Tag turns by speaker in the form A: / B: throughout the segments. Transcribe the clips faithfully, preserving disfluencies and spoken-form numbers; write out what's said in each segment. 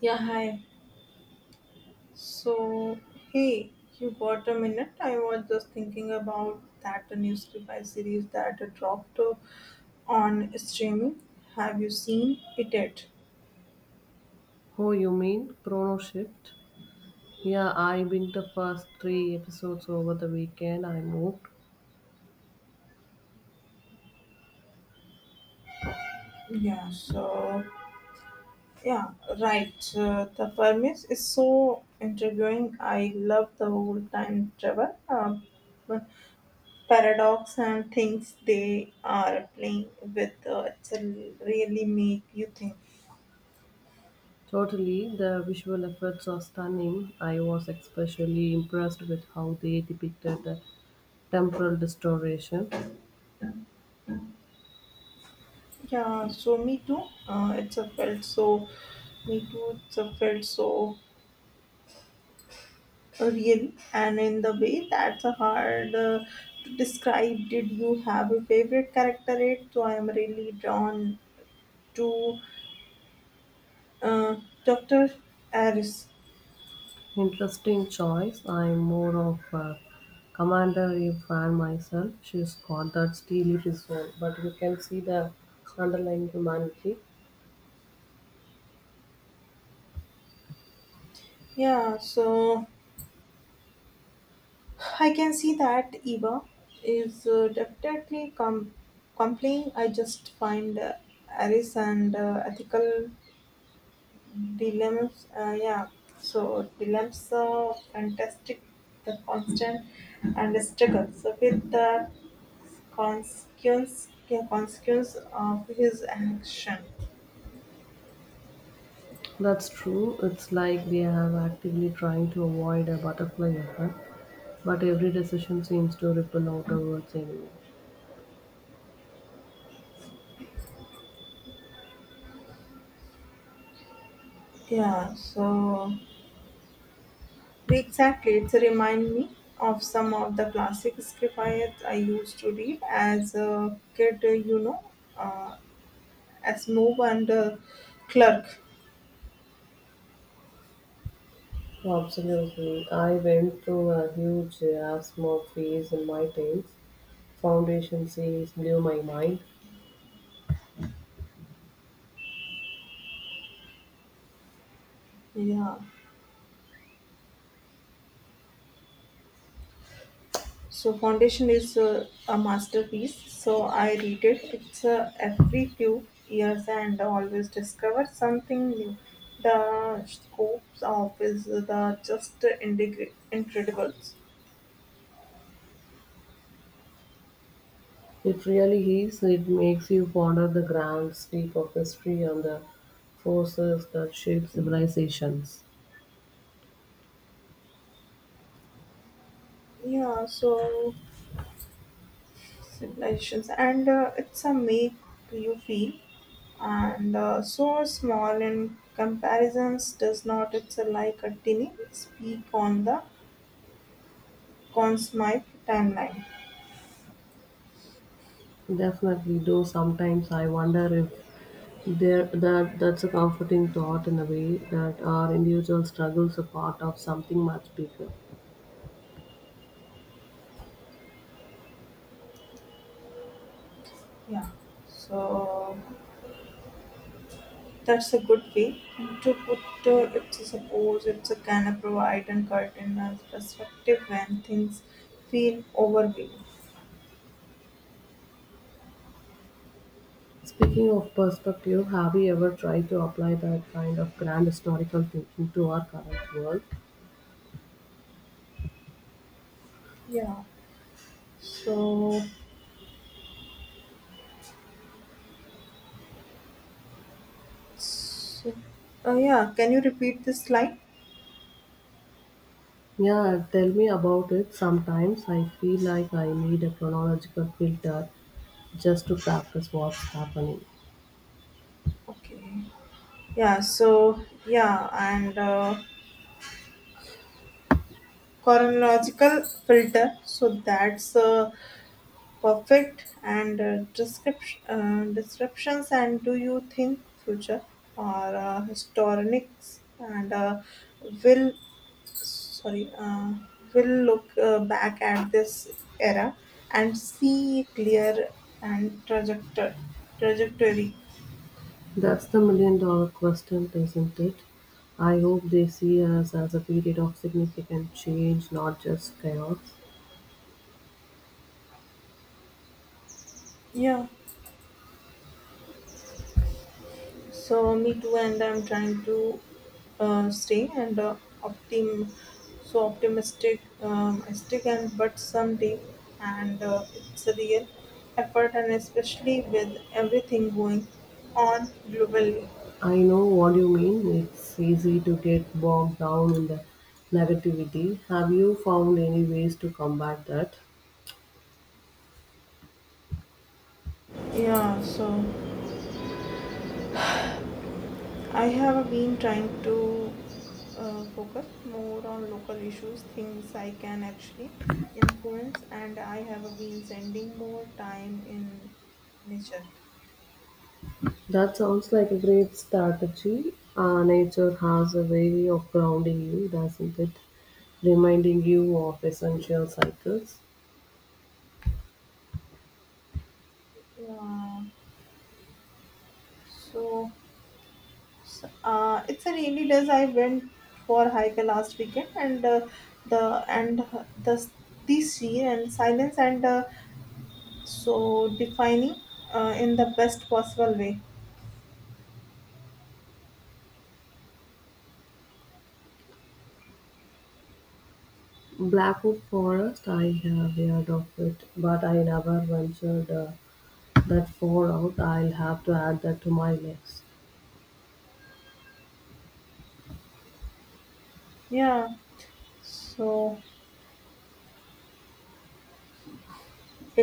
A: Yeah, hi. So, hey, you got a minute? I was just thinking about that new sci-fi series that dropped uh, on streaming. Have you seen it yet?
B: Oh, you mean Chrono Shift? Yeah, I binged the first three episodes over the weekend. I moved.
A: Yeah, so, yeah, right. Uh, the premise is so intriguing. I love the whole time travel uh, paradox and things they are playing with. Uh, it's a really make you think.
B: Totally, the visual effects are stunning. I was especially impressed with how they depicted the temporal distortion.
A: Yeah, so me too. Uh, it's a felt so, me too. It's a felt so real, and in the way that's a hard uh, to describe. Did you have a favorite character? It so I am really drawn to uh, Doctor Aris.
B: Interesting choice. I'm more of a Commander Eve fan myself. She's got that steely resolve, but you can see the underlying humanity.
A: Yeah, so I can see that Eva is uh, definitely com- complying. I just find uh, Aris and uh, ethical dilemmas uh, yeah so dilemmas are fantastic the constant and the struggle so with the consequence yeah, consequence of his action.
B: That's true. It's like they have actively trying to avoid a butterfly effect, but every decision seems to ripple outwards anyway.
A: yeah so exactly, it's a remind me of some of the classic script I, I used to read as a kid uh, you know uh, as move and uh, clerk.
B: Absolutely. I went through a huge asthma phase in my teens. Foundation series blew my mind.
A: Yeah. So Foundation is uh, a masterpiece. So I read it. It's uh, every few years and always discover something new. The scopes of is uh, the just indig- incredible.
B: It really is. It makes you ponder the grand sweep of history and the forces that shape civilizations.
A: Yeah. So civilizations and uh, it's a make you feel and uh, so small in comparisons does not. It's a like a tiny speak on the consmite timeline.
B: Definitely, though sometimes I wonder if There, that that's a comforting thought in a way that our individual struggles are part of something much bigger.
A: Yeah. So that's a good way to put uh, it. Suppose it's a can of provide and cut in perspective when things feel overwhelming.
B: Speaking of perspective, have you ever tried to apply that kind of grand historical thinking to our current world?
A: Yeah. So, so uh, yeah. Can you repeat this slide?
B: Yeah, tell me about it. Sometimes I feel like I need a chronological filter just to practice what's happening.
A: Okay. Yeah. So yeah, and uh, chronological filter. So that's uh, perfect and uh, description, uh, descriptions and do you think future or uh, historians and uh, will sorry uh, will look uh, back at this era and see clear and trajectory trajectory.
B: That's the million dollar question, isn't it? I hope they see us as a period of significant change, not just chaos.
A: yeah So me too, and I'm trying to uh, stay and uh, optim, so optimistic, um, stick and but someday, and uh, it's a real effort, and especially with everything going on globally.
B: I know what you mean. It's easy to get bogged down in the negativity. Have you found any ways to combat that?
A: Yeah, so I have been trying to uh, focus more on local issues, things I can actually influence, and I have been sending more time in nature.
B: That sounds like a great strategy. Uh, nature has a way of grounding you, doesn't it? Reminding you of essential cycles.
A: Yeah. So, s- uh, it's a rainy days. I went for hike last weekend, and uh, the and the the sea and silence and uh, so defining uh, in the best possible way.
B: Blackwood Forest, I have heard of it, but I never ventured uh, that far out. I'll have to add that to my list.
A: Yeah. So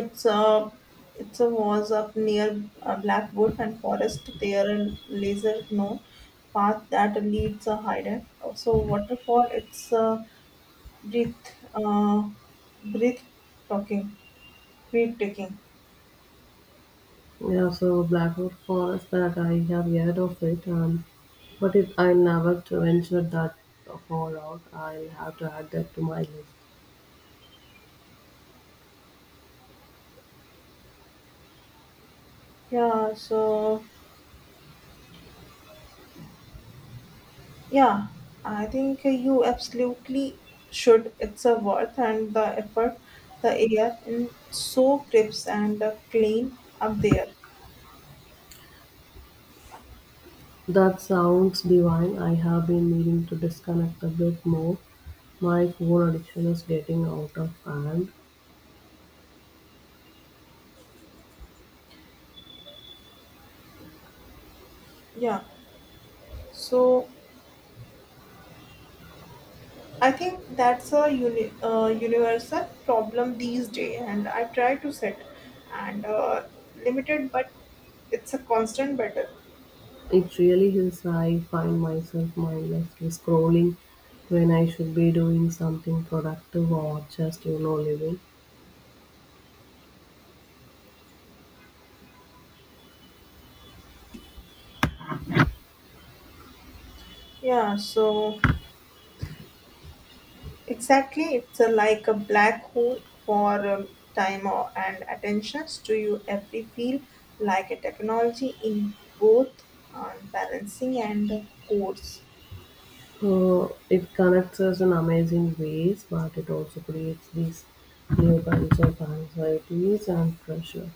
A: it's a it's a was up near uh, Blackwood and Forest. There a laser known path that leads a hidden. So waterfall. It's uh, breath uh, breath talking breathtaking.
B: Yeah, so Blackwood Forest that I have heard of it, um, but it I never to venture that far out. I'll have to add that to my list.
A: Yeah, so yeah, I think you absolutely should. It's a worth and the effort. The air is so crisp and uh, clean up there.
B: That sounds divine. I have been needing to disconnect a bit more. My phone addiction is getting out of hand.
A: Yeah, so I think that's a uni- uh, universal problem these days, and I try to set and uh, limited, but it's a constant battle.
B: It really is. I find myself mindlessly scrolling when I should be doing something productive or just you know living.
A: Yeah, so exactly, it's a, like a black hole for um, time or, and attentions to you every feel like a technology in both uh, balancing and course.
B: Uh, it connects us in amazing ways, but it also creates these new kinds of anxieties and pressure.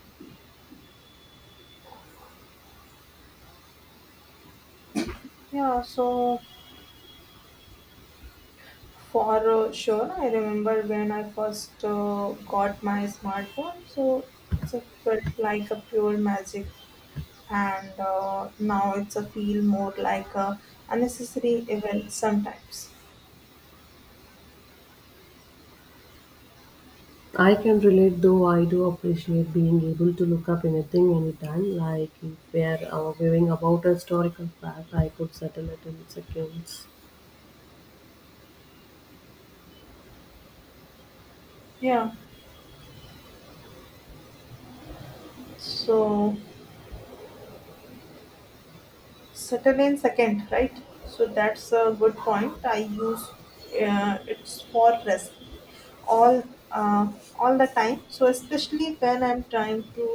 A: Yeah, so for uh, sure, I remember when I first uh, got my smartphone. So it's a felt like a pure magic, and uh, now it's a feel more like a unnecessary evil sometimes.
B: I can relate though I do appreciate being able to look up anything anytime. Like if we're arguing about a historical fact, I could settle it in seconds.
A: Yeah, so settle in second right so that's a good point I use uh, it's for rest all uh, all the time so especially when I'm trying to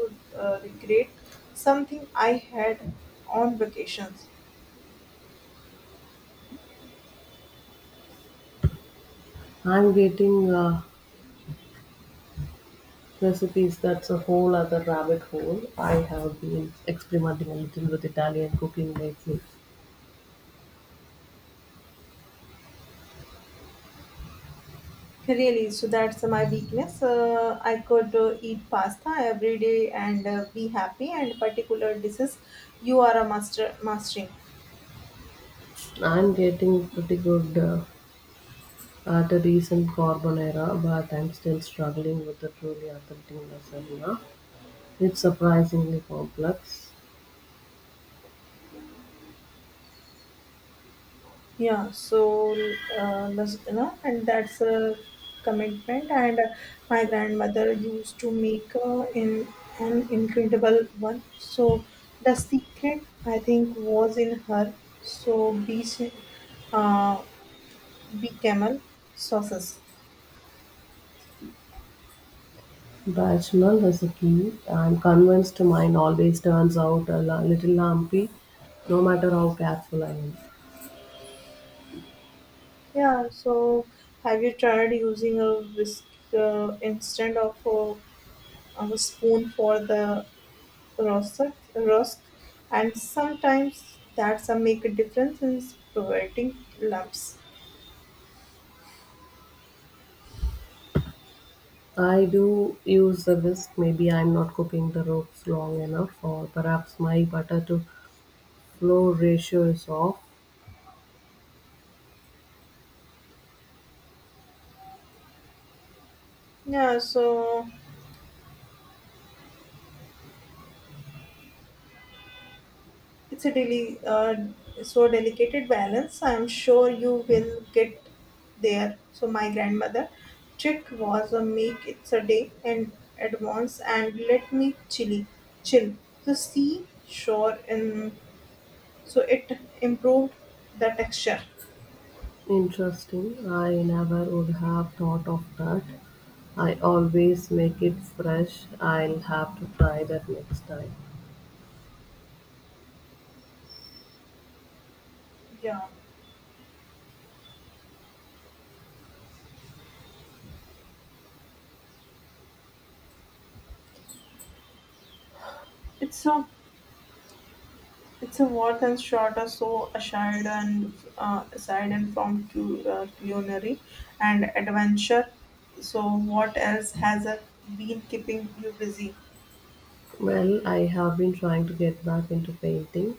A: uh, recreate something I had on vacations.
B: I'm getting uh, recipes that's a whole other rabbit hole. I have been experimenting a little with Italian cooking lately.
A: Really, so that's my weakness uh, I could uh, eat pasta every day and uh, be happy and particular dishes you are a master mastering.
B: I'm getting pretty good. Uh, After recent Carbonera, but I'm still struggling with the truly authentic lasagna. It's surprisingly complex.
A: Yeah, so uh, las- you know, and that's a commitment. And uh, my grandmother used to make uh, in an incredible one. So the secret, I think, was in her. So beach, uh, be camel sauces.
B: Bechamel is a key. I'm convinced mine always turns out a la- little lumpy, no matter how careful I am.
A: Yeah. So have you tried using a whisk uh, instead of a, of a spoon for the rusk, rusk, and sometimes that's a make a difference in preventing lumps.
B: I do use the whisk. Maybe I'm not cooking the ropes long enough, or perhaps my butter to flour ratio is off.
A: Yeah, so it's a deli- uh, so delicate balance. I'm sure you will get there. So my grandmother trick was a make it's a day in advance and let me chilly chill. So see sure and so it improved the texture.
B: Interesting. I never would have thought of that. I always make it fresh. I'll have to try that next time.
A: Yeah, it's so it is a worth and shorter, so aside and uh, aside and from cu- uh, culinary and adventure. So what else has uh, been keeping you busy?
B: Well, I have been trying to get back into painting.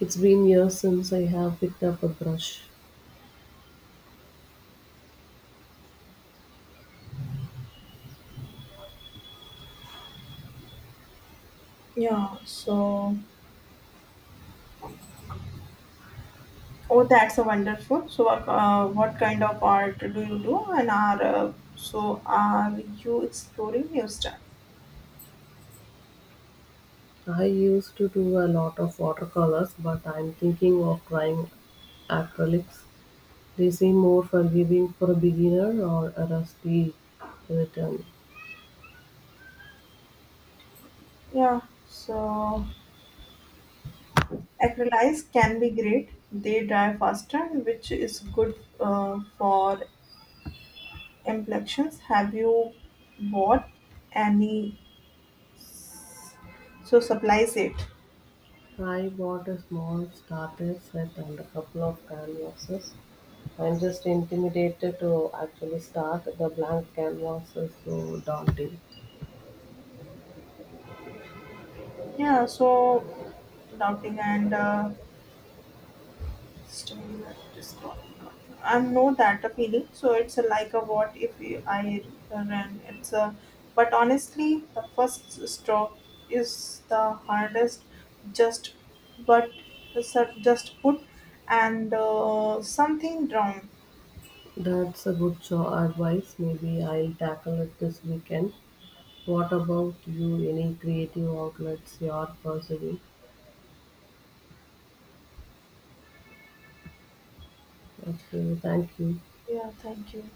B: It's been years since I have picked up a brush.
A: Yeah. So oh, that's a wonderful. So uh, what kind of art do you do, and are uh, so are you exploring new stuff?
B: I used to do a lot of watercolors, but I'm thinking of trying acrylics. They seem more forgiving for a beginner or a rusty return.
A: Yeah. So acrylics can be great. They dry faster, which is good uh, for Implections. Have you bought any s- so supplies it?
B: I bought a small starter set and a couple of canvases. I'm just intimidated to actually start. The blank canvas is so daunting.
A: Yeah, so doubting and uh, system discording. I know that a feeling. So it's a like a what if I ran. It's a but honestly, the first stroke is the hardest. Just but just put and uh, something wrong.
B: That's a good cho- advice. Maybe I'll tackle it this weekend. What about you? Any creative outlets you are pursuing? Okay, thank you.
A: Yeah, thank you.